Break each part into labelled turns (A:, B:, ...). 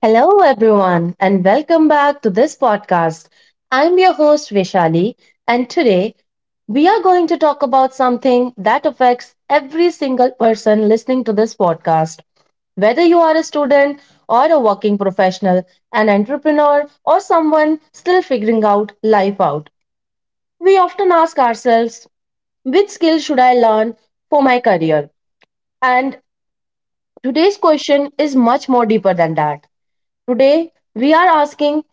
A: Hello, everyone, and welcome back to this podcast. I'm your host, Vishali, and today we are going to talk about something that affects every single person listening to this podcast. Whether you are a student or a working professional, an entrepreneur, or someone still figuring out life out, we often ask ourselves, which skill should I learn for my career? And today's question is much more deeper than that. Today, we are asking,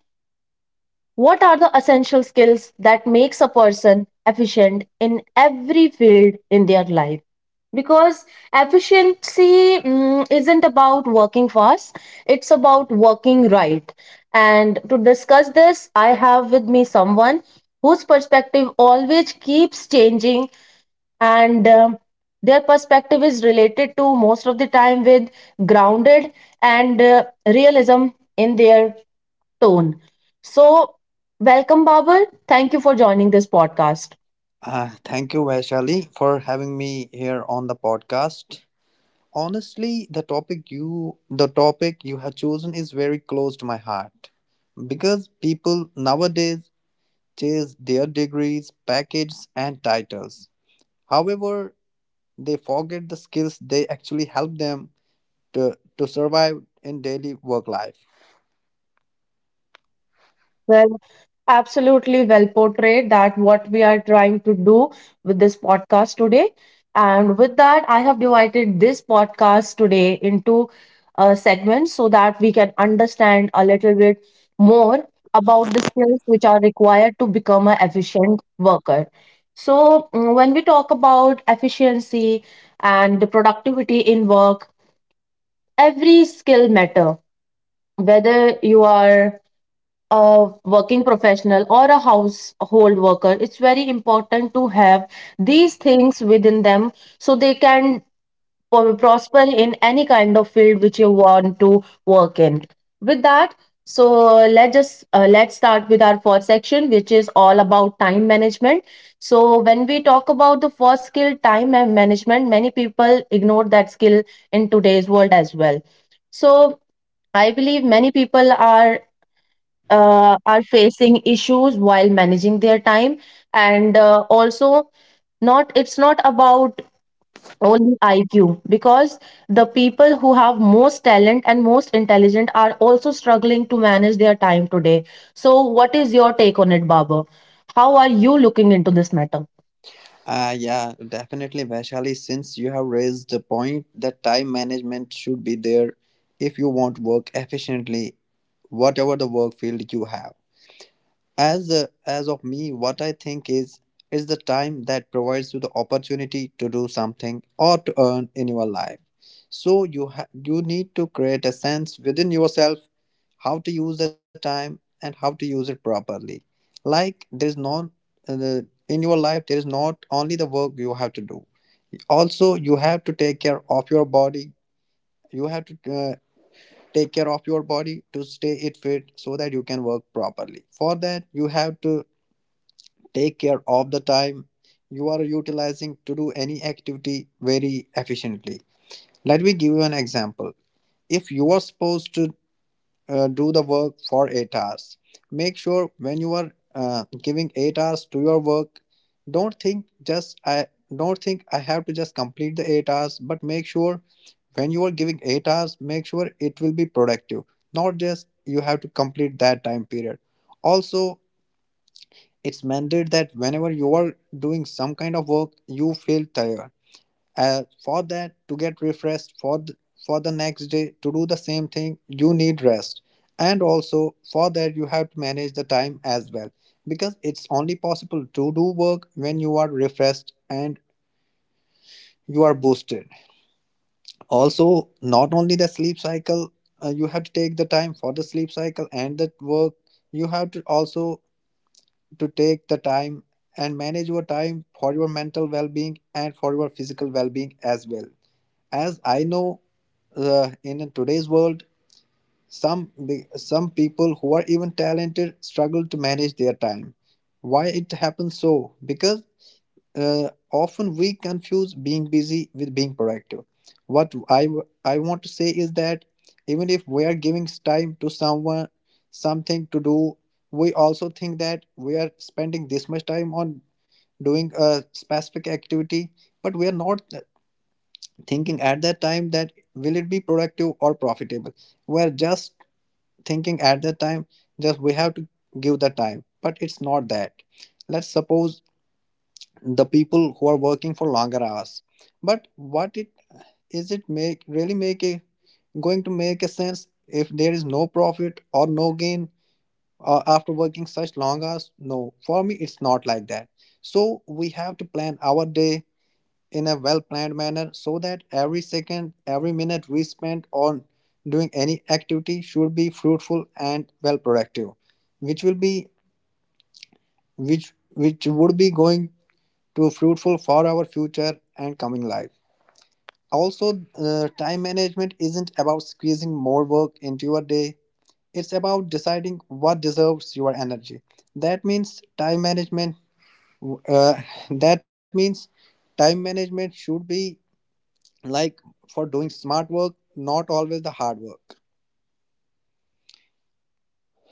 A: what are the essential skills that makes a person efficient in every field in their life? Because efficiency isn't about working fast, it's about working right. And to discuss this, I have with me someone whose perspective always keeps changing and their perspective is related to most of the time with grounded and realism in their tone. So, welcome, Babar. Thank you for joining this podcast.
B: Thank you, Vaishali, for having me here on the podcast. Honestly, the topic you have chosen is very close to my heart because people nowadays chase their degrees, packages, and titles. However, they forget the skills they actually help them to survive in daily work life.
A: Well, absolutely well portrayed that what we are trying to do with this podcast today. And with that, I have divided this podcast today into segments so that we can understand a little bit more about the skills which are required to become an efficient worker. So, when we talk about efficiency and the productivity in work, every skill matter, whether you are a working professional or a household worker, it's very important to have these things within them so they can prosper in any kind of field which you want to work in. With that, so let's just let's start with our first section, which is all about time management. So when we talk about the first skill, time and management, many people ignore that skill in today's world as well. So I believe many people are facing issues while managing their time, and also, not, it's not about only IQ, because the people who have most talent and most intelligent are also struggling to manage their time today. So, what is your take on it, Baba? How are you looking into this matter?
B: Yeah, definitely, Vaishali. Since you have raised the point that time management should be there if you want work efficiently, whatever the work field you have. As of me, what I think is the time that provides you the opportunity to do something or to earn in your life. So you need to create a sense within yourself how to use the time and how to use it properly. Like there is no uh, in your life there is not only the work you have to do. Also, you have to take care of your body. You have to take care of your body to stay it fit so that you can work properly. For that, you have to take care of the time you are utilizing to do any activity very efficiently. Let me give you an example. If you are supposed to do the work for 8 hours, make sure when you are giving 8 hours to your work, don't think just I don't think I have to just complete the 8 hours, but make sure when you are giving 8 hours, make sure it will be productive, not just you have to complete that time period. Also, it's mandated that whenever you are doing some kind of work, you feel tired. For that, to get refreshed for for the next day to do the same thing, you need rest. And also for that, you have to manage the time as well because it's only possible to do work when you are refreshed and you are boosted. Also, not only the sleep cycle, you have to take the time for the sleep cycle and the work. You have to also to take the time and manage your time for your mental well being and for your physical well being as well. As I know, in today's world, some people who are even talented struggle to manage their time. Why it happens so? Because often we confuse being busy with being productive. I want to say is that even if we are giving time to someone something to do, we also think that we are spending this much time on doing a specific activity, but we are not thinking at that time that will it be productive or profitable. We are just thinking at that time just we have to give the time, but it's not that. Let's suppose the people who are working for longer hours but what it is it make really make a going to make a sense if there is no profit or no gain after working such long hours. No, for me it's not like that. So we have to plan our day in a well planned manner so that every second every minute we spend on doing any activity should be fruitful and well productive which will be which which would be going to fruitful for our future and coming life. Also, time management isn't about squeezing more work into your day. It's about deciding what deserves your energy. That means time management. Uh, that means time management should be like for doing smart work, not always the hard work.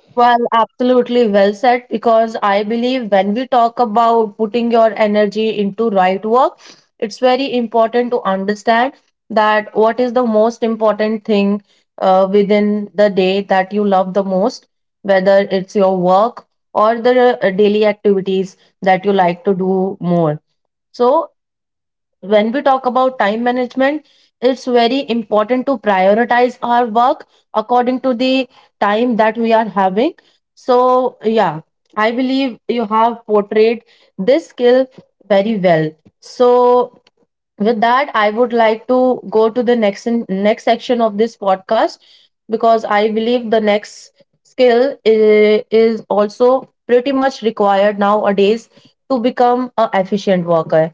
A: Well, absolutely well said. Because I believe when we talk about putting your energy into right work, it's very important to understand that what is the most important thing within the day that you love the most, whether it's your work or the daily activities that you like to do more. So when we talk about time management, it's very important to prioritize our work according to the time that we are having. So, yeah, I believe you have portrayed this skill very well. So with that, I would like to go to the next section of this podcast, because I believe the next skill is also pretty much required nowadays to become a efficient worker.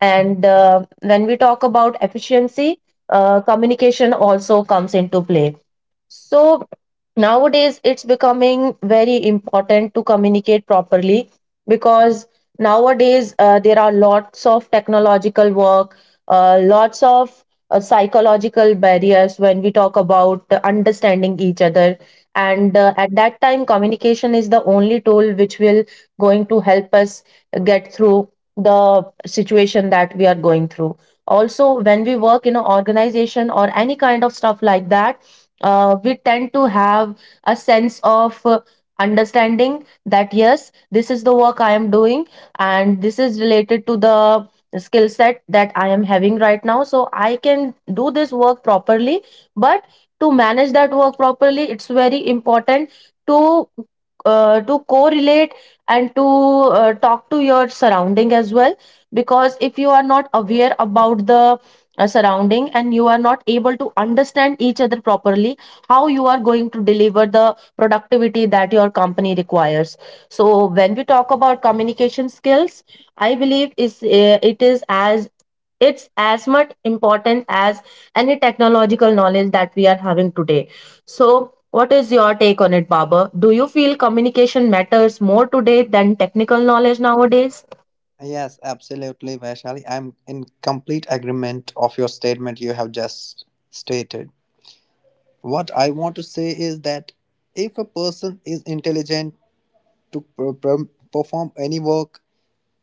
A: And when we talk about efficiency, communication also comes into play. So nowadays it's becoming very important to communicate properly, because nowadays there are lots of technological work, lots of psychological barriers when we talk about understanding each other. And at that time, communication is the only tool which will going to help us get through the situation that we are going through. Also, when we work in an organization or any kind of stuff like that, we tend to have a sense of understanding that yes, this is the work I am doing and this is related to the skill set that I am having right now. So I can do this work properly. But to manage that work properly, it's very important to to correlate and to talk to your surrounding as well, because if you are not aware about the surrounding and you are not able to understand each other properly, how you are going to deliver the productivity that your company requires? So when we talk about communication skills, I believe is it is as it's as much important as any technological knowledge that we are having today. So what is your take on it, Baba? Do you feel communication matters more today than technical knowledge nowadays?
B: Yes, absolutely, Vaishali. I'm in complete agreement of your statement you have just stated. What I want to say is that if a person is intelligent to perform any work,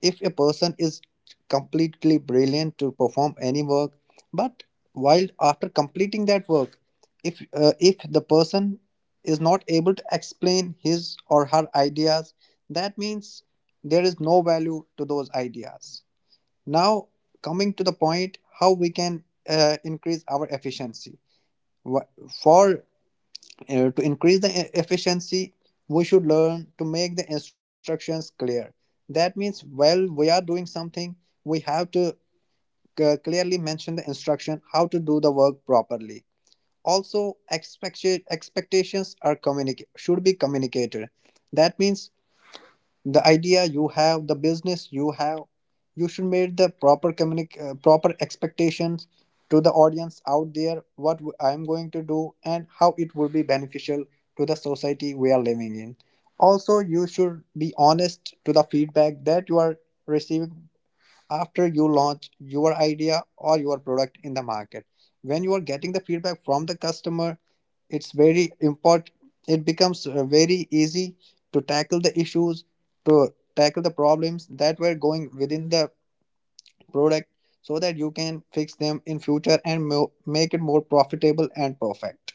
B: if a person is completely brilliant to perform any work, but while after completing that work, if if the person is not able to explain his or her ideas, that means there is no value to those ideas. Now coming to the point how we can increase our efficiency. Wha- for To increase the efficiency, we should learn to make the instructions clear. That means while we are doing something, we have to clearly mention the instruction how to do the work properly. Also, expectations are communicate should be communicated. That means the idea you have, the business you have, you should make the proper expectations to the audience out there what I am going to do and how it will be beneficial to the society we are living in. Also, you should be honest to the feedback that you are receiving after you launch your idea or your product in the market. When you are getting the feedback from the customer, it's very important. It becomes very easy to tackle the issues, to tackle the problems that were going within the product so that you can fix them in future and make it more profitable and perfect.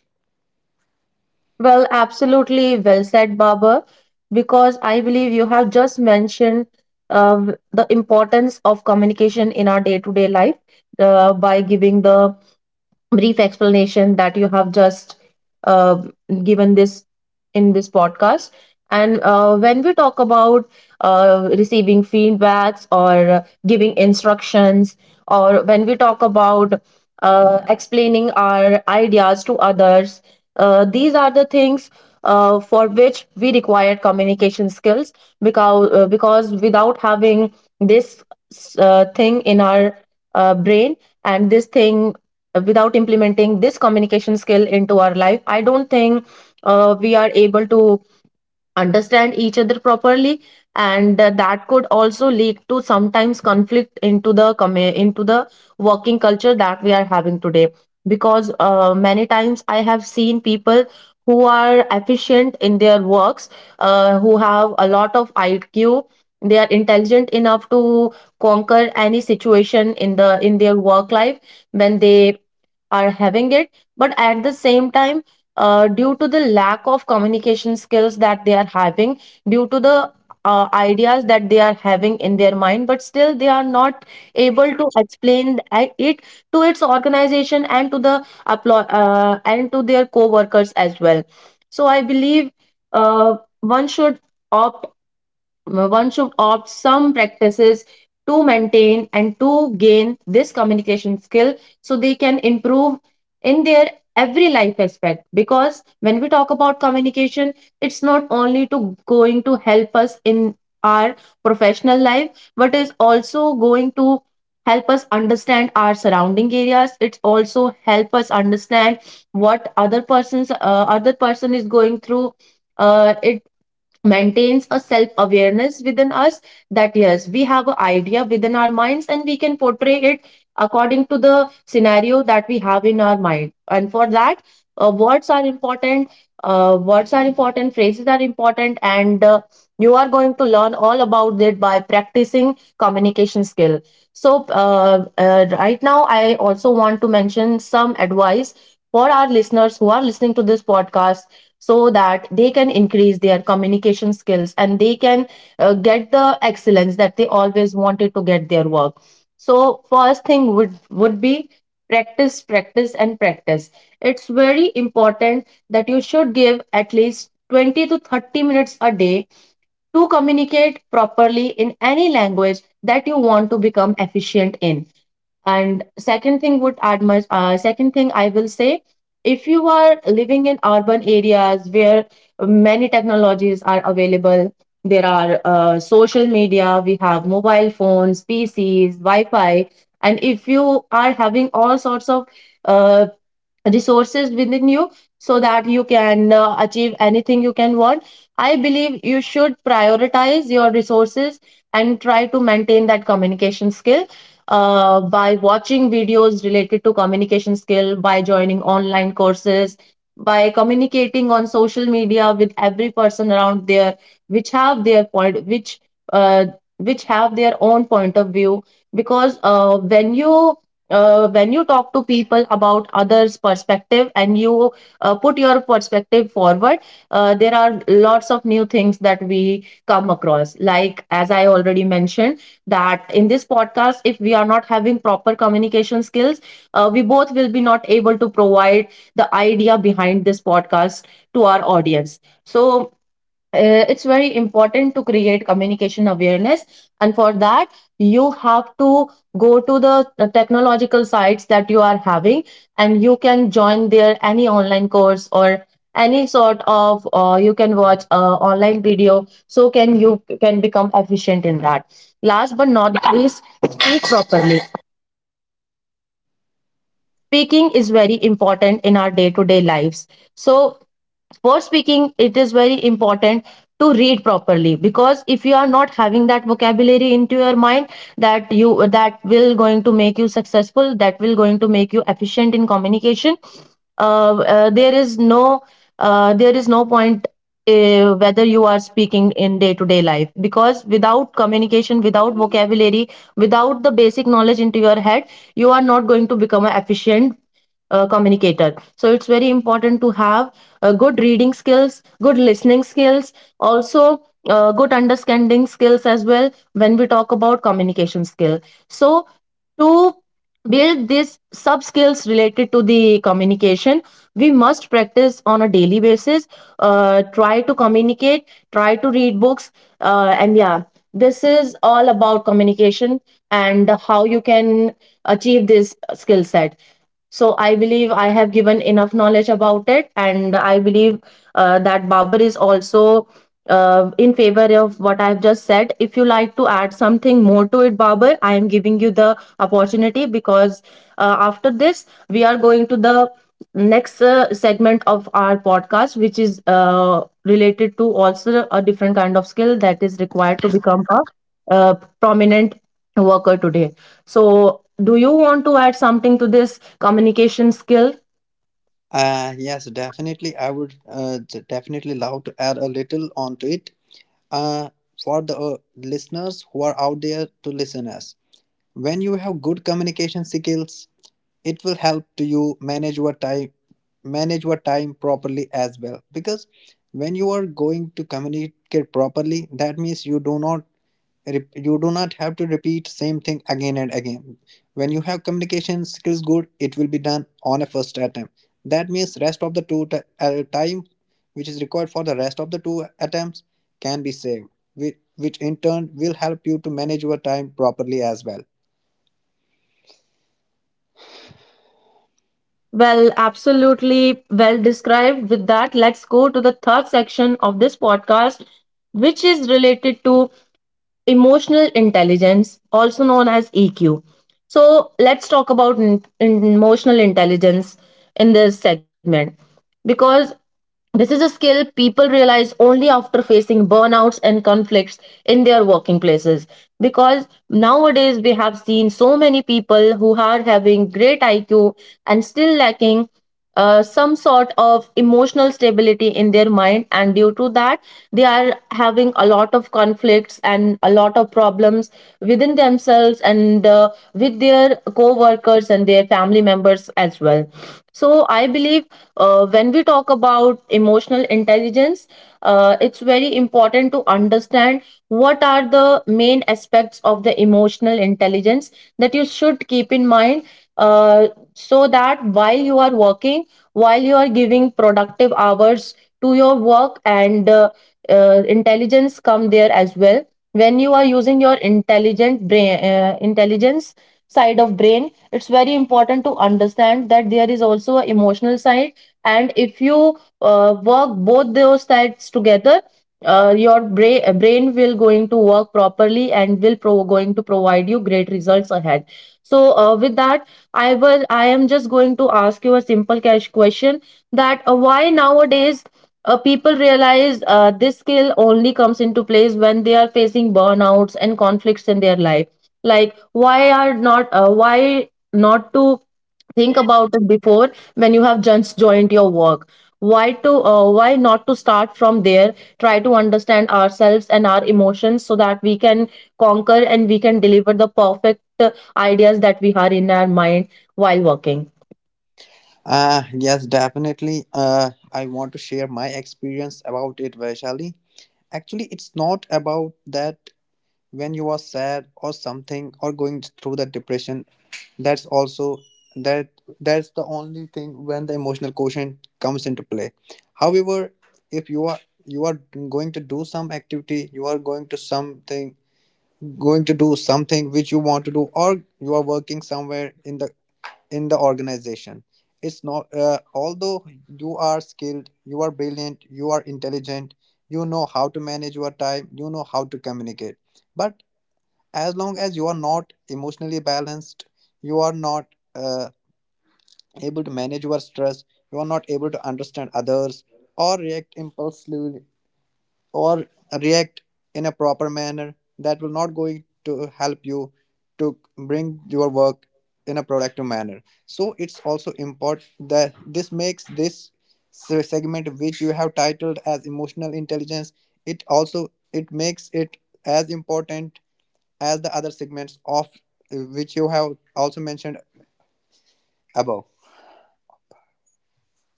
A: Well, absolutely well said, Baba, because I believe you have just mentioned the importance of communication in our day-to-day life by giving the brief explanation that you have just uh, given this in this podcast. And when we talk about receiving feedbacks or giving instructions, or when we talk about explaining our ideas to others, these are the things for which we require communication skills, because without having this thing in our brain and this thing without implementing this communication skill into our life, I don't think we are able to understand each other properly. And that could also lead to sometimes conflict into the into the working culture that we are having today, because many times I have seen people who are efficient in their works, who have a lot of IQ, they are intelligent enough to conquer any situation in the in their work life when they are having it. But at the same time, due to the lack of communication skills that they are having, due to the ideas that they are having in their mind, but still they are not able to explain it to its organization and to the and to their co-workers as well. So I believe uh, one should opt one should opt some practices to maintain and to gain this communication skill, so they can improve in their every life aspect. Because when we talk about communication, it's not only to going to help us in our professional life, but is also going to help us understand our surrounding areas. It's also help us understand what other person is going through. Uh, it maintains a self awareness within us, that yes, we have an idea within our minds and we can portray it according to the scenario that we have in our mind. And for that, words are important, words are important, phrases are important. And you are going to learn all about it by practicing communication skill. So right now I also want to mention some advice for our listeners who are listening to this podcast, so that they can increase their communication skills and they can get the excellence that they always wanted to get their work. So first thing would be practice, practice, and practice. It's very important that you should give at least 20 to 30 minutes a day to communicate properly in any language that you want to become efficient in. And second thing would add much. Second thing I will say, if you are living in urban areas where many technologies are available, there are social media, we have mobile phones, PCs, Wi-Fi, and if you are having all sorts of uh, resources within you, so that you can achieve anything you can want, I believe you should prioritize your resources and try to maintain that communication skill by watching videos related to communication skill, by joining online courses, by communicating on social media with every person around there which have their point uh, which have their own point of view. Because when you talk to people about others perspective and you put your perspective forward, there are lots of new things that we come across. Like as I already mentioned, that in this podcast, if we are not having proper communication skills, we both will be not able to provide the idea behind this podcast to our audience. So it's very important to create communication awareness, and for that you have to go to the technological sites that you are having, and you can join there any online course or any sort of you can watch online video so can you can become efficient in that. Last but not least, speak properly. Speaking is very important in our day to day lives. So for speaking, it is very important to read properly, because if you are not having that vocabulary into your mind, that you that will going to make you successful, that will going to make you efficient in communication. There is no there is no point whether you are speaking in day to day life, because without communication, without vocabulary, without the basic knowledge into your head, you are not going to become an efficient communicator. So it's very important to have good reading skills, good listening skills, also good understanding skills as well when we talk about communication skill. So to build these sub skills related to the communication, we must practice on a daily basis. Try to communicate, try to read books, and yeah, this is all about communication and how you can achieve this skill set. So I believe I have given enough knowledge about it, and I believe that Babar is also in favor of what I've just said. If you like to add something more to it, Babar, I am giving you the opportunity because after this we are going to the next segment of our podcast, which is related to also a different kind of skill that is required to become a uh, prominent worker today. So, do you want to add something to this communication skill?
B: Yes, definitely. I would definitely love to add a little onto it. uh, for the listeners who are out there to listen us, when you have good communication skills, it will help to you manage your time properly as well, because when you are going to communicate properly, that means you do not you do not have to repeat same thing again and again. When you have communication skills good, it will be done on a first attempt. That means rest of the two time which is required for the rest of the two attempts can be saved, which in turn will help you to manage your time properly as well.
A: Well, absolutely well described with that. Let's go to the third section of this podcast, which is related to emotional intelligence, also known as EQ. So, let's talk about emotional intelligence in this segment, because this is a skill people realize only after facing burnouts and conflicts in their working places. Because nowadays we have seen so many people who are having great IQ and still lacking some sort of emotional stability in their mind, and due to that they are having a lot of conflicts and a lot of problems within themselves and with their co-workers and their family members as well. So I believe when we talk about emotional intelligence, it's very important to understand what are the main aspects of the emotional intelligence that you should keep in mind, uh so that while you are working, while you are giving productive hours to your work and intelligence come there as well. When you are using your intelligent brain, intelligence side of brain, it's very important to understand that there is also an emotional side. And if you work both those sides together, your brain will going to work properly and will going to provide you great results ahead. So with that, I am just going to ask you a simple cash question, that why nowadays people realize this skill only comes into place when they are facing burnouts and conflicts in their life. Like, why are not why not to think about it before, when you have just joined your work, why to why not to start from there, try to understand ourselves and our emotions, so that we can conquer and we can deliver the perfect uh, ideas that we had in our mind while working.
B: Yes, definitely, I want to share my experience about it, Vaishali. Actually it's not about that when you are sad or something or going through that depression, that's also that that's the only thing when the emotional quotient comes into play. However, if you are going to do some activity, you are going to do something which you want to do, or you are working somewhere in the organization, it's not although you are skilled, you are brilliant, you are intelligent, you know how to manage your time, you know how to communicate, but as long as you are not emotionally balanced, you are not uh, able to manage your stress, you are not able to understand others, or react impulsively, or react in a proper manner, that will not going to help you to bring your work in a productive manner. So it's also important that this makes this segment which you have titled as emotional intelligence, it also it makes it as important as the other segments of which you have also mentioned above.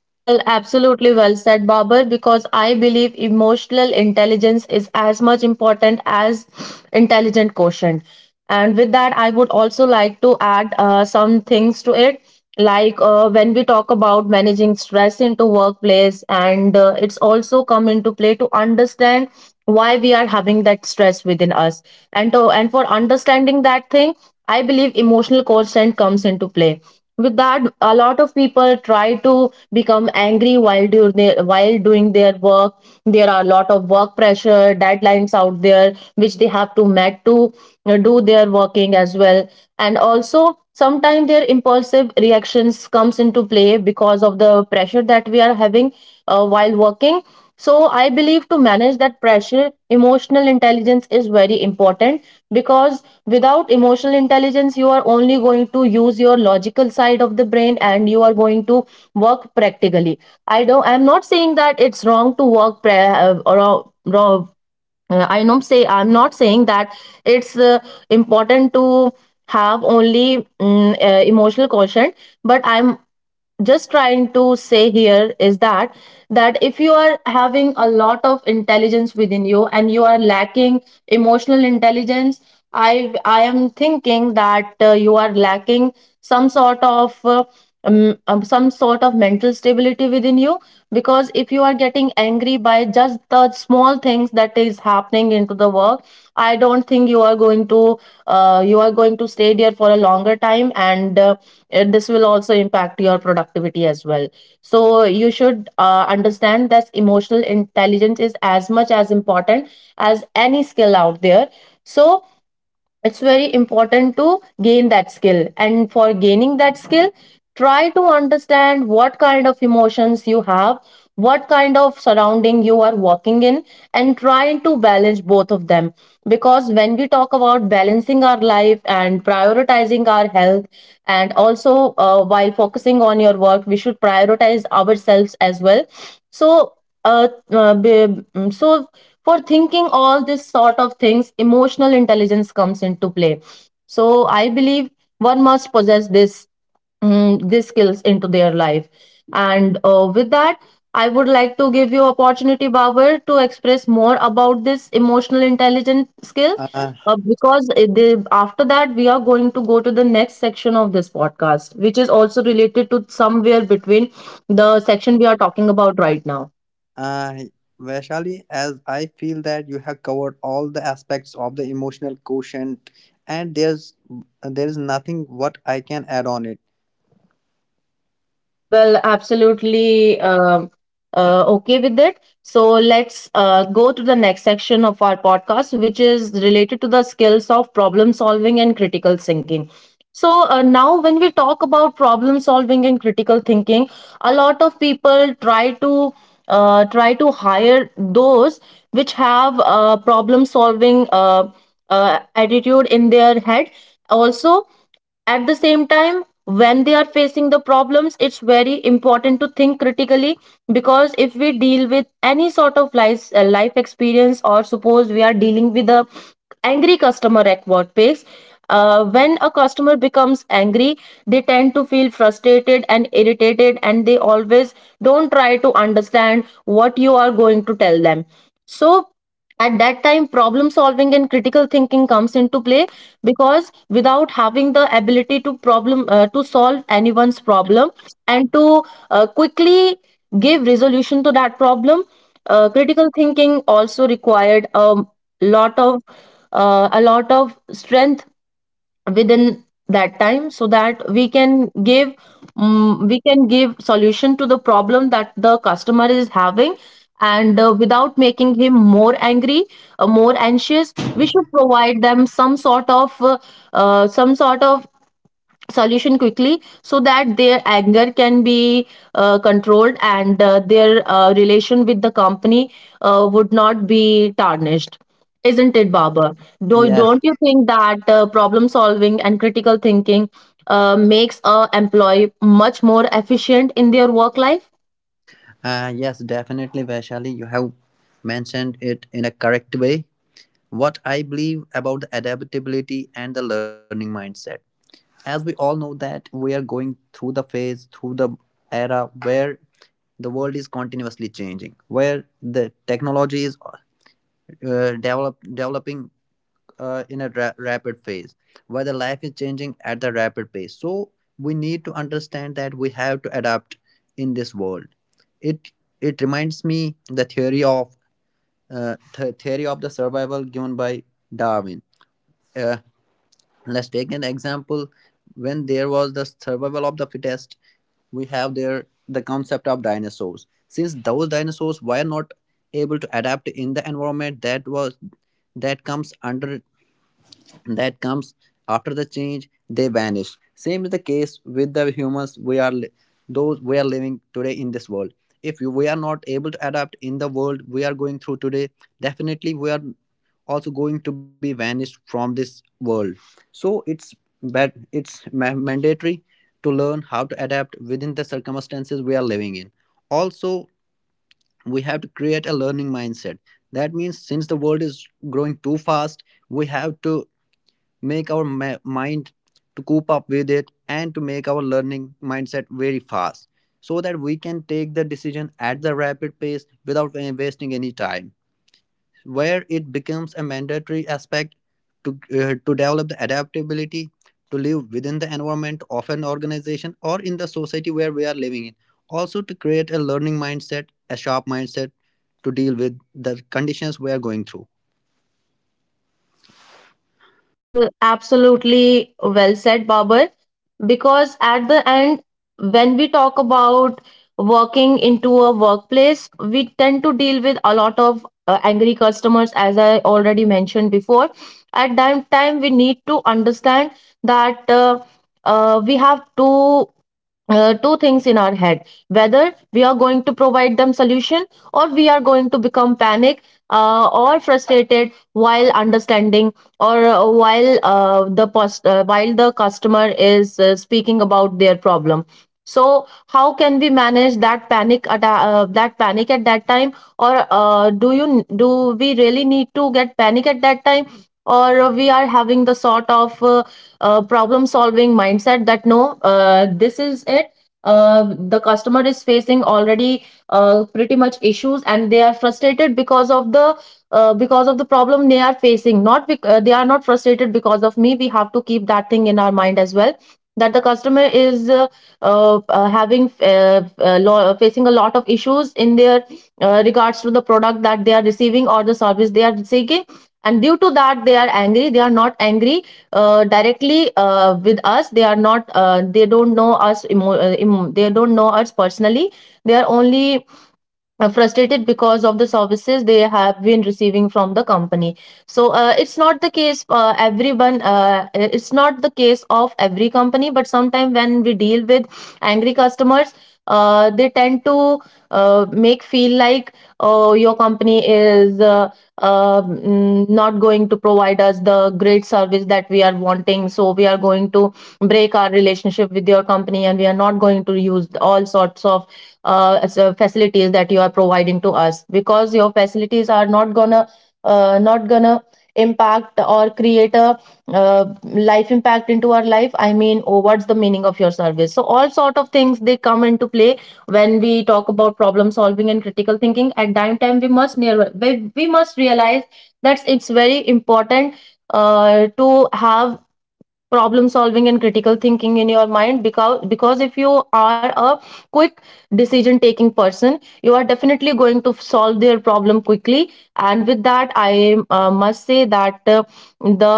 A: Well, absolutely well said, Babar, because I believe emotional intelligence is as much important as intelligent quotient. And with that, I would also like to add some things to it. Like, when we talk about managing stress into workplace, and it's also come into play to understand why we are having that stress within us. And to, and for understanding that thing, I believe emotional quotient comes into play. With that, a lot of people try to become angry while during their, while doing their work. There are a lot of work pressure deadlines out there which they have to met to do their working as well, and also sometimes their impulsive reactions comes into play because of the pressure that we are having while working. So I believe to manage that pressure, emotional intelligence is very important, because without emotional intelligence you are only going to use your logical side of the brain and you are going to work practically. I don't, I'm not saying that it's wrong to work I don't say I'm not saying that. It's important to have only emotional quotient, but I'm just trying to say here is that, that if you are having a lot of intelligence within you and you are lacking emotional intelligence, I am thinking that you are lacking some sort of uh, some sort of mental stability within you, because if you are getting angry by just the small things that is happening into the work, I don't think you are going to you are going to stay there for a longer time, and this will also impact your productivity as well. So you should understand that emotional intelligence is as much as important as any skill out there. So it's very important to gain that skill, and for gaining that skill, try to understand what kind of emotions you have, what kind of surrounding you are walking in, and try to balance both of them. Because when we talk about balancing our life and prioritizing our health, and also while focusing on your work, we should prioritize ourselves as well. So so for thinking all this sort of things, emotional intelligence comes into play. So I believe one must possess these skills into their life. And with that, I would like to give you opportunity, Babar, to express more about this emotional intelligence skill,
B: Uh,
A: because after that we are going to go to the next section of this podcast, which is also related to somewhere between the section we are talking about right now.
B: uh, Vaishali, as I feel that you have covered all the aspects of the emotional quotient, and there is nothing what I can add on it.
A: Well, absolutely okay with it. So let's go to the next section of our podcast, which is related to the skills of problem solving and critical thinking. So now, when we talk about problem solving and critical thinking, a lot of people try to try to hire those which have problem solving attitude in their head. Also, at the same time, when they are facing the problems, it's very important to think critically, because if we deal with any sort of life experience, or suppose we are dealing with a angry customer at workplace, when a customer becomes angry, they tend to feel frustrated and irritated, and they always don't try to understand what you are going to tell them. So at that time, problem solving and critical thinking comes into play, because without having the ability to problem to solve anyone's problem and to quickly give resolution to that problem, critical thinking also required lot of a lot of strength within that time, so that we can give we can give solution to the problem that the customer is having, and without making him more angry, more anxious, we should provide them some sort of solution quickly, so that their anger can be controlled, and their relation with the company would not be tarnished. Isn't it, baba do
B: Yes,
A: Don't you think that problem solving and critical thinking makes a employee much more efficient in their work life?
B: yes, definitely, Vaishali, you have mentioned it in a correct way. What I believe about the adaptability and the learning mindset. As we all know that we are going through the phase, through the era where the world is continuously changing, where the technology is developing in a rapid phase, where the life is changing at the rapid pace. So we need to understand that we have to adapt in this world. It it reminds me the theory of theory of the survival given by Darwin. Uh, let's take an example. When there was the survival of the fittest, we have there the concept of dinosaurs. Since those dinosaurs were not able to adapt in the environment that was that comes under that comes after the change, they vanish. Same is the case with the humans. We are those we are living today in this world. If we are not able to adapt in the world we are going through today, definitely we are also going to be vanished from this world. So it's mandatory to learn how to adapt within the circumstances we are living in. Also, we have to create a learning mindset. That means since the world is growing too fast, we have to make our mind to cope up with it and to make our learning mindset very fast so that we can take the decision at the rapid pace without wasting any time, where it becomes a mandatory aspect to develop the adaptability to live within the environment of an organization or in the society where we are living in. Also, to create a learning mindset, a sharp mindset, to deal with the conditions we are going through.
A: Absolutely well said, Babar. Because at the end, when we talk about working into a workplace, we tend to deal with a lot of angry customers, as I already mentioned before. At that time, we need to understand that we have to two things in our head, whether we are going to provide them solution or we are going to become panic, or frustrated while understanding, or while the customer is speaking about their problem. So how can we manage that panic at that panic at that time, or do you do we really need to get panic at that time, or we are having the sort of problem solving mindset that no, this is it, the customer is facing already pretty much issues and they are frustrated because of the problem they are facing, not they are not frustrated because of me. We have to keep that thing in our mind as well, that the customer is having facing a lot of issues in their regards to the product that they are receiving or the service they are seeking. And due to that they are angry, they are not angry directly with us, they are not they don't know us they don't know us personally, they are only frustrated because of the services they have been receiving from the company. So it's not the case everyone, it's not the case of every company, but sometimes when we deal with angry customers, they tend to make feel like, oh, your company is not going to provide us the great service that we are wanting, so we are going to break our relationship with your company and we are not going to use all sorts of as a facilities that you are providing to us, because your facilities are not gonna not gonna impact or create a life impact into our life, I mean, oh, what's the meaning of your service. So all Sort of things they come into play when we talk about problem solving and critical thinking at dime time we must near we must realize that it's very important to have problem solving and critical thinking in your mind because if you are a quick decision taking person you are definitely going to solve their problem quickly, and with that I must say that the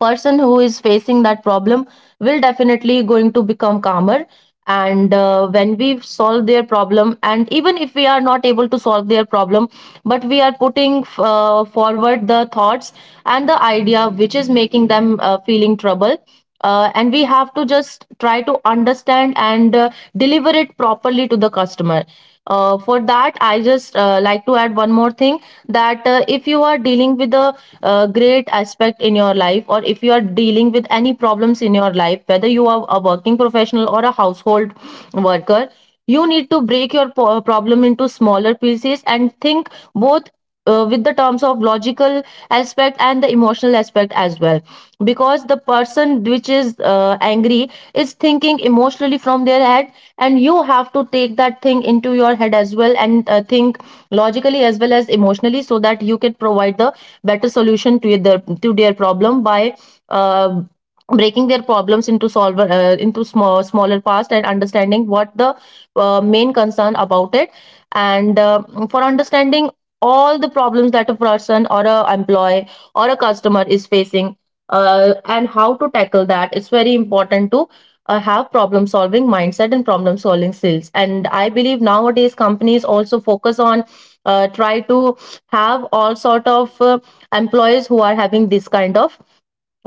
A: person who is facing that problem will definitely going to become calmer. And when we solve their problem, and even if we are not able to solve their problem, but we are putting forward the thoughts and the idea which is making them feeling trouble, and we have to just try to understand and deliver it properly to the customer. For that, I just like to add one more thing, that if you are dealing with a great aspect in your life, or if you are dealing with any problems in your life, whether you are a working professional or a household worker, you need to break your problem into smaller pieces and think both with the terms of logical aspect and the emotional aspect as well, because the person which is angry is thinking emotionally from their head, and you have to take that thing into your head as well and think logically as well as emotionally so that you can provide the better solution to their problem by uh, breaking their problems into solver into smaller parts and understanding what the main concern about it. And for understanding all the problems that a person or a employee or a customer is facing, and how to tackle that, it's very important to have problem solving mindset and problem solving skills. And I believe nowadays companies also focus on try to have all sort of employees who are having this kind of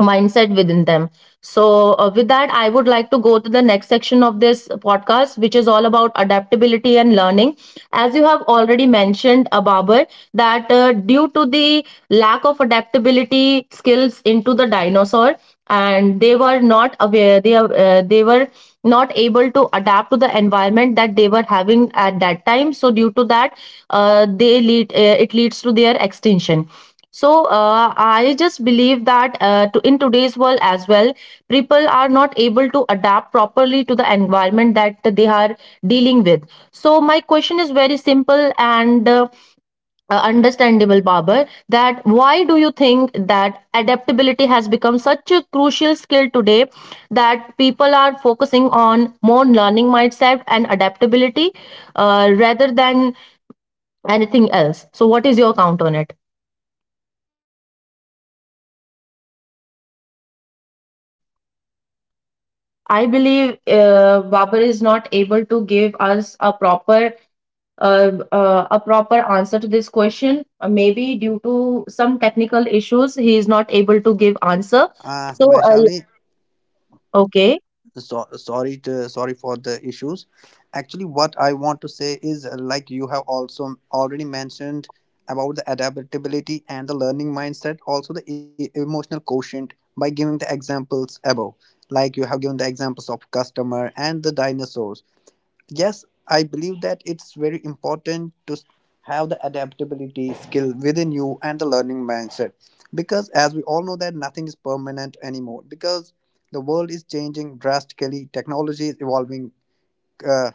A: mindset within them. So, with that, I would like to go to the next section of this podcast, which is all about adaptability and learning. As you have already mentioned, Babar, that due to the lack of adaptability skills into the dinosaur, and they were not aware, they were not able to adapt to the environment that they were having at that time. So, due to that, they lead, it leads to their extinction. So I just believe that in today's world as well, people are not able to adapt properly to the environment that they are dealing with. So my question is very simple and understandable, Babar. That why do you think that adaptability has become such a crucial skill today, that people are focusing on more learning mindset and adaptability rather than anything else? So what is your count on it? I believe Babar is not able to give us a proper answer to this question. Maybe due to some technical issues, he is not able to give answer. So,
B: Vaishali,
A: okay.
B: so, sorry for the issues. Actually what I want to say is like you have also Already mentioned about the adaptability and the learning mindset, also the emotional quotient, by giving the examples above. Like you have given the examples of customer and the dinosaurs, yes, I believe that it's very important to have the adaptability skill within you and the learning mindset, because as we all know that nothing is permanent anymore. Because the world is changing drastically, technology is evolving uh,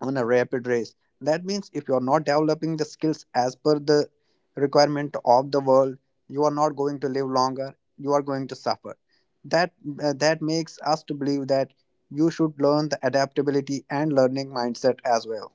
B: on a rapid race. That means if you're not developing the skills as per the requirement of the world, you are not going to live longer. You are going to suffer. That that makes us to believe that you should learn the adaptability and learning mindset as well.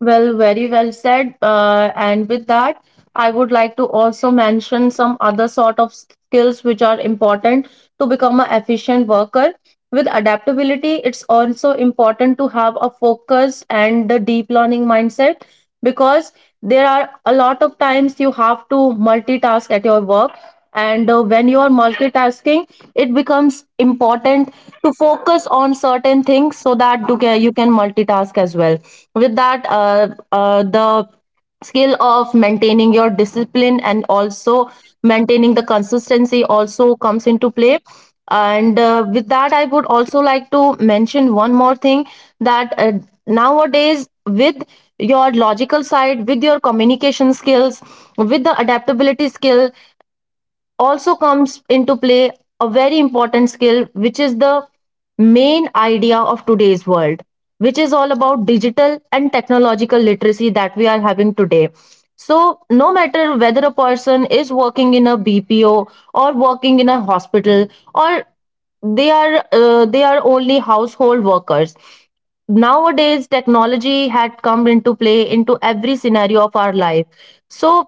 A: Well, very well said. And with that, I would like to also mention some other sort of skills which are important to become an efficient worker. With adaptability, it's also important to have a focus and a deep learning mindset, because there are a lot of times you have to multitask at your work. And when you are multitasking, it becomes important to focus on certain things so that you can multitask as well. With that the skill of maintaining your discipline and also maintaining the consistency also comes into play. And with that I would also like to mention one more thing, that nowadays, with your logical side, with your communication skills, with the adaptability skills, also comes into play a very important skill, which is the main idea of today's world, which is all about digital and technological literacy that we are having today. So, no matter whether a person is working in a BPO, or working in a hospital, or they are only household workers, nowadays technology had come into play into every scenario of our life. So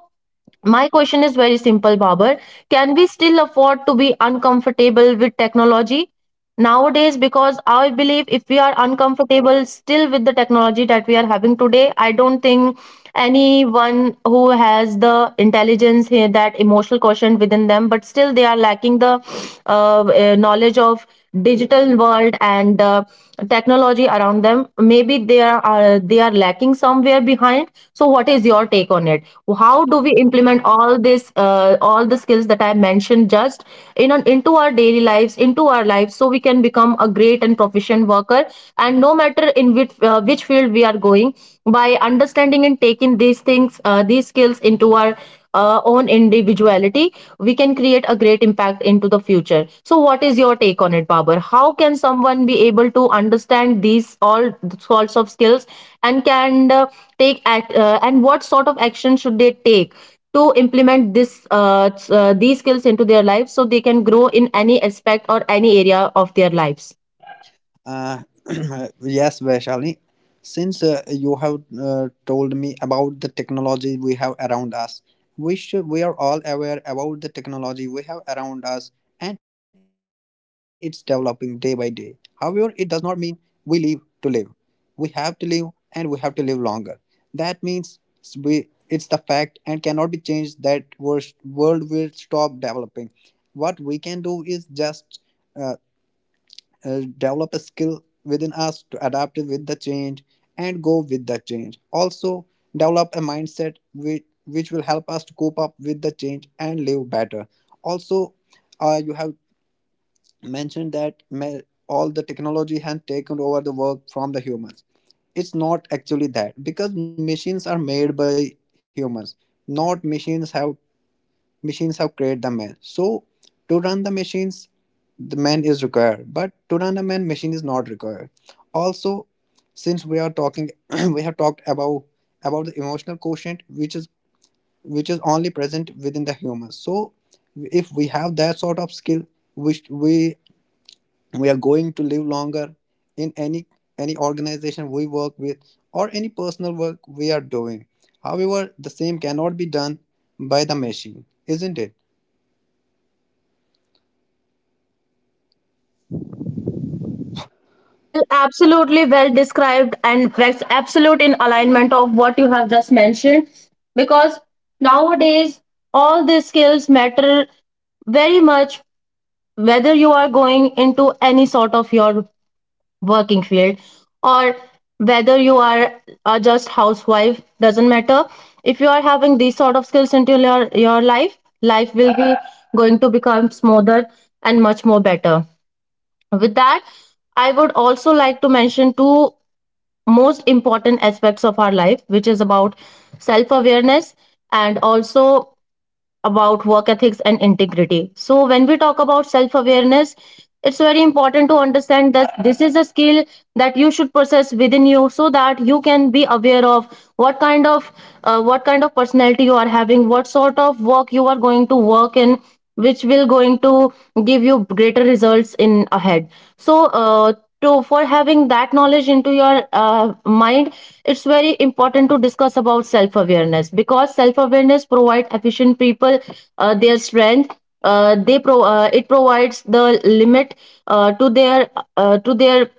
A: my question is very simple, Babar. Can we still afford to be uncomfortable with technology nowadays? Because I believe if we are uncomfortable still with the technology that we are having today, I don't think anyone who has the intelligence here, that emotional quotient within them, but still they are lacking the knowledge of digital world and technology around them. Maybe they are lacking somewhere behind. So, what is your take on it? How do we implement all this, all the skills that I mentioned just in an, into our daily lives, into our lives, so we can become a great and proficient worker, and no matter in which field we are going, by understanding and taking these things, these skills, into our own individuality, we can create a great impact into the future. So what is your take on it, Babar? How can someone be able to understand these all sorts of skills, and can and what sort of action should they take to implement this these skills into their lives so they can grow in any aspect or any area of their lives?
B: Uh, yes, Vaishali. Since you have told me about the technology we have around us, we are all aware about the technology we have around us, and it's developing day by day. However, it does not mean we live to live. We have to live, and we have to live longer. That means we it's the fact and cannot be changed that world will stop developing. What we can do is just uh, develop a skill within us to adapt with the change and go with the change. Also, develop a mindset which will help us to cope up with the change and live better. Also, you have mentioned that all the technology has taken over the work from the humans. It's not actually that, because machines are made by humans, not machines have created the man. So to run the machines the man is required, but today a man machine is not required. Also, since we are talking we have talked about the emotional quotient, which is only present within the human. So if we have that sort of skill which we are going to live longer in any organization we work with, or any personal work we are doing, however the same cannot be done by the machine, isn't it?
A: Well, absolutely, well described, and that's absolute in alignment of what you have just mentioned, because nowadays all these skills matter very much, whether you are going into any sort of your working field, or whether are just housewife, doesn't matter. If you are having these sort of skills into your your life, life will be going to become smoother and much more better. With that, I would also like to mention two most important aspects of our life, which is about self awareness, and also about work ethics and integrity. So, when we talk about self awareness, it's very important to understand that this is a skill that you should possess within you so that you can be aware of what kind of what kind of personality you are having, what sort of work you are going to work in, which will going to give you greater results in ahead. So to for having that knowledge into your mind, it's very important to discuss about self awareness, because self awareness provide efficient people their strength. They pro It provides the limit uh, to their uh, to their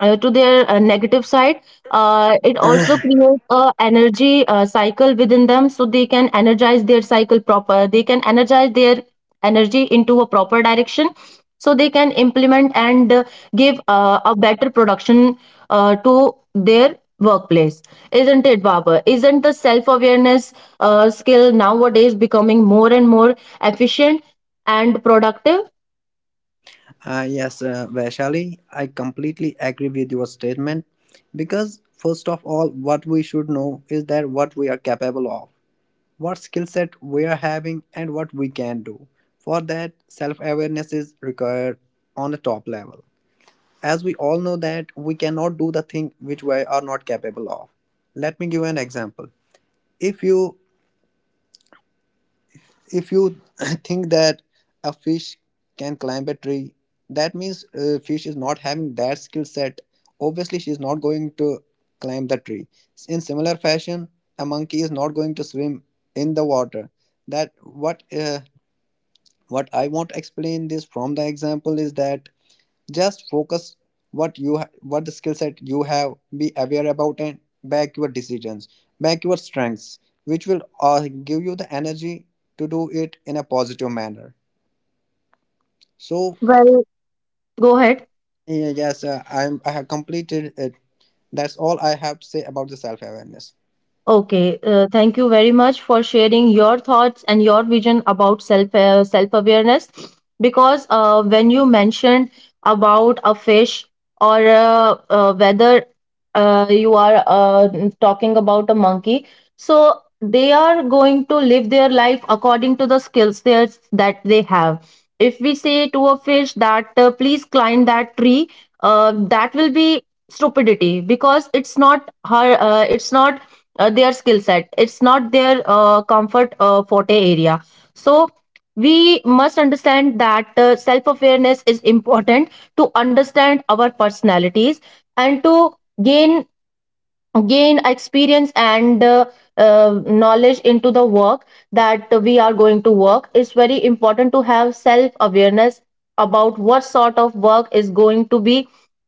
A: to their negative side. It also creates a energy cycle within them so they can energize their cycle proper, they can energize their energy into a proper direction, so they can implement and give a better production to their workplace. Isn't it, Baba? Isn't the self awareness skill nowadays becoming more and more efficient and productive?
B: Yes, Vaishali, I completely agree with your statement, because, first of all, what we should know is that what we are capable of, what skill set we are having, and what we can do. For that, self awareness is required on a top level. As we all know that we cannot do the thing which we are not capable of. Let me give you an example. If you if you think that a fish can climb a tree. That means fish is not having that skill set, obviously she is not going to climb the tree. In similar fashion, a monkey is not going to swim in the water. That what I want to explain this from the example is that just focus what the skill set you have, be aware about, and back your decisions, back your strengths, which will give you the energy to do it in a positive manner. So
A: Well, go ahead.
B: yeah, yes, I have completed it. That's all I have to say about the self awareness.
A: Okay, thank you very much for sharing your thoughts and your vision about self awareness. Because when you mentioned about a fish, or whether you are talking about a monkey, so they are going to live their life according to the skill sets that they have. If we say to a fish that please climb that tree, that will be stupidity because it's not her. It's not their skill set, it's not their comfort forte area. So we must understand that self awareness is important to understand our personalities, and to gain gain experience and knowledge into the work that we are going to work. It's very important to have self awareness about what sort of work is going to be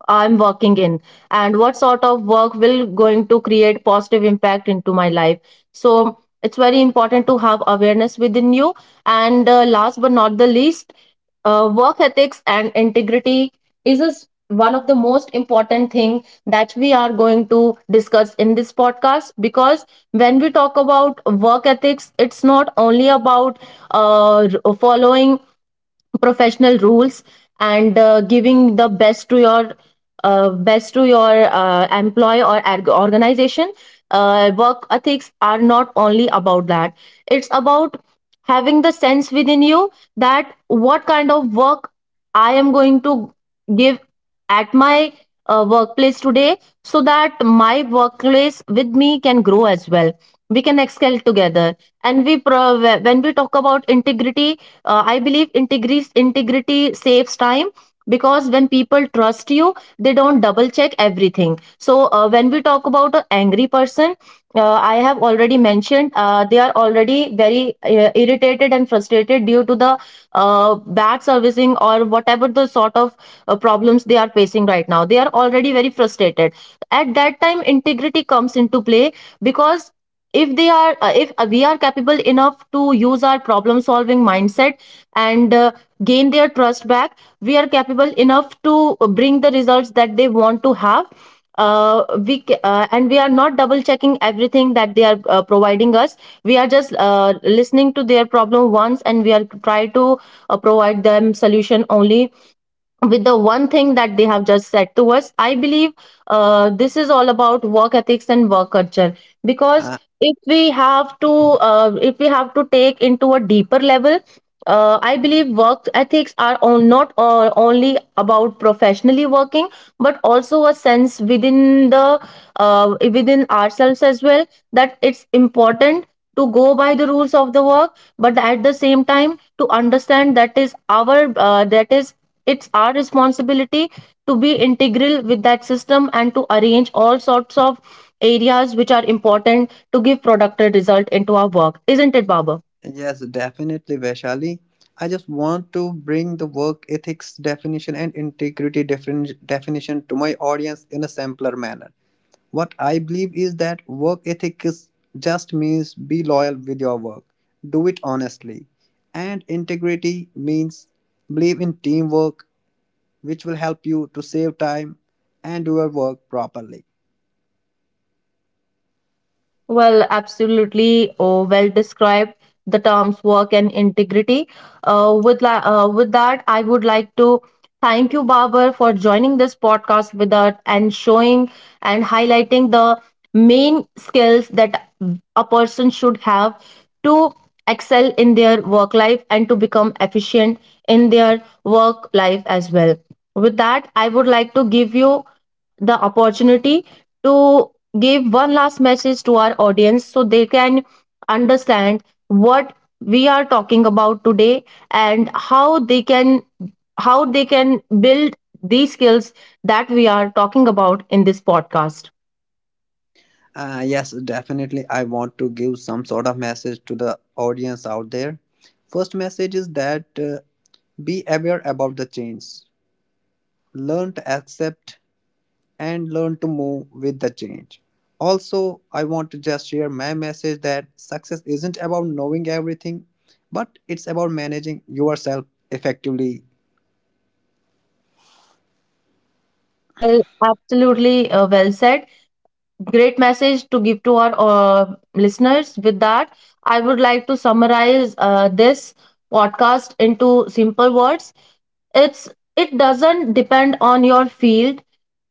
A: I'm working in, and what sort of work will going to create positive impact into my life. So it's very important to have awareness within you. And last but not the least, work ethics and integrity is a one of the most important thing that we are going to discuss in this podcast. Because when we talk about work ethics, it's not only about uh, following professional rules and giving the best to your organization. Work ethics are not only about that. It's about having the sense within you that what kind of work I am going to give at my workplace today, so that my workplace with me can grow as well. We can excel together. And when we talk about integrity, I believe integrity saves time, because when people trust you, they don't double check everything. So when we talk about an angry person, I have already mentioned, they are already very irritated and frustrated due to the bad servicing or whatever the sort of problems they are facing right now. They are already very frustrated. At that time, integrity comes into play, because if they are if we are capable enough to use our problem solving mindset and gain their trust back, we are capable enough to bring the results that they want to have. And we are not double checking everything that they are providing us. We are just listening to their problem once, and we are try to provide them solution only with the one thing that they have just said to us. I believe this is all about work ethics and work culture. Because
B: uh,
A: if we have to if we have to take into a deeper level, I believe work ethics are on, not only about professionally working, but also a sense within the within ourselves as well. That it's important to go by the rules of the work, but at the same time, to understand that is uh, that is it's our responsibility to be integral with that system and to arrange all sorts of areas which are important to give productive result into our work, isn't it, Baba?
B: yes, definitely, Vaishali. I just want to bring the work ethics definition and integrity definition to my audience in a simpler manner. What I believe is that work ethic is just means be loyal with your work, do it honestly. And integrity means believe in teamwork, which will help you to save time and do your work properly.
A: Well, absolutely. Oh, well described. The terms work and integrity. With that, I would like to thank you, Babar, for joining this podcast with us and showing and highlighting the main skills that a person should have to excel in their work life and to become efficient in their work life as well. With that, I would like to give you the opportunity to give one last message to our audience so they can understand what we are talking about today and how they can build these skills that we are talking about in this podcast.
B: Yes, definitely. I want to give some sort of message to the audience out there. First message is that be aware about the change. Learn to accept and learn to move with the change. Also, I want to just share my message that success isn't about knowing everything, but it's about managing yourself effectively.
A: Well, absolutely, well said. Great message to give to our listeners. With that, I would like to summarize this podcast into simple words. it's it doesn't depend on your field,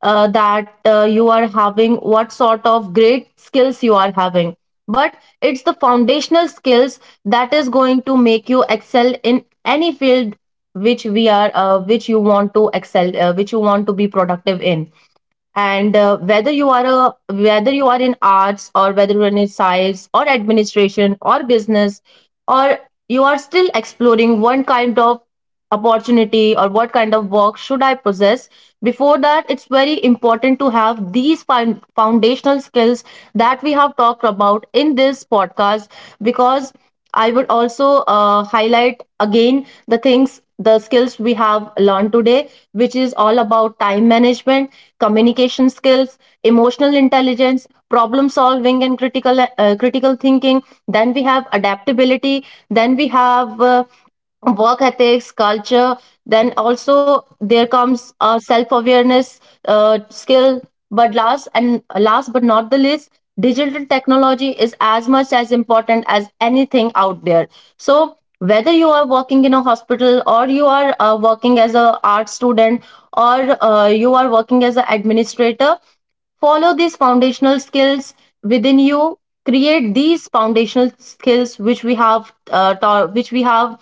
A: that you are having, what sort of great skills you are having, but it's the foundational skills that is going to make you excel in any field which we are which you want to excel, which you want to be productive in. And whether you are a whether you are in arts or whether you're in science or administration or business, or you are still exploring one kind of opportunity, or what kind of work should I possess. Before that, it's very important to have these foundational skills that we have talked about in this podcast. Because I would also highlight again the things, the skills we have learned today, which is all about time management, communication skills, emotional intelligence, problem solving, and critical thinking. Then we have adaptability. Then we have work ethics, culture. Then also there comes self awareness, skill. But last but not the least, digital technology is as much as important as anything out there. So whether you are working in a hospital, or you are working as a art student, or you are working as an administrator, follow these foundational skills within you. Create these foundational skills which we have which we have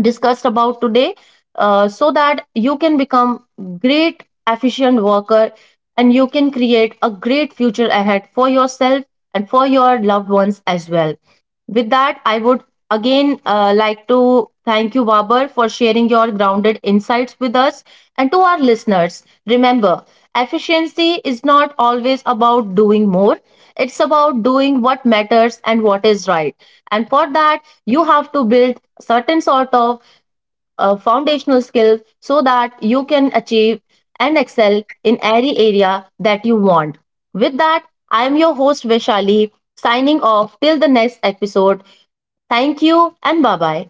A: discussed about today, so that you can become great efficient worker, and you can create a great future ahead for yourself and for your loved ones as well. With that, I would again like to thank you, Babar, for sharing your grounded insights with us. And to our listeners, remember, efficiency is not always about doing more. It's about doing what matters and what is right. And for that, you have to build certain sort of foundational skills so that you can achieve and excel in any area that you want. With that, I am your host, Vishali, signing off till the next episode. Thank you and bye bye.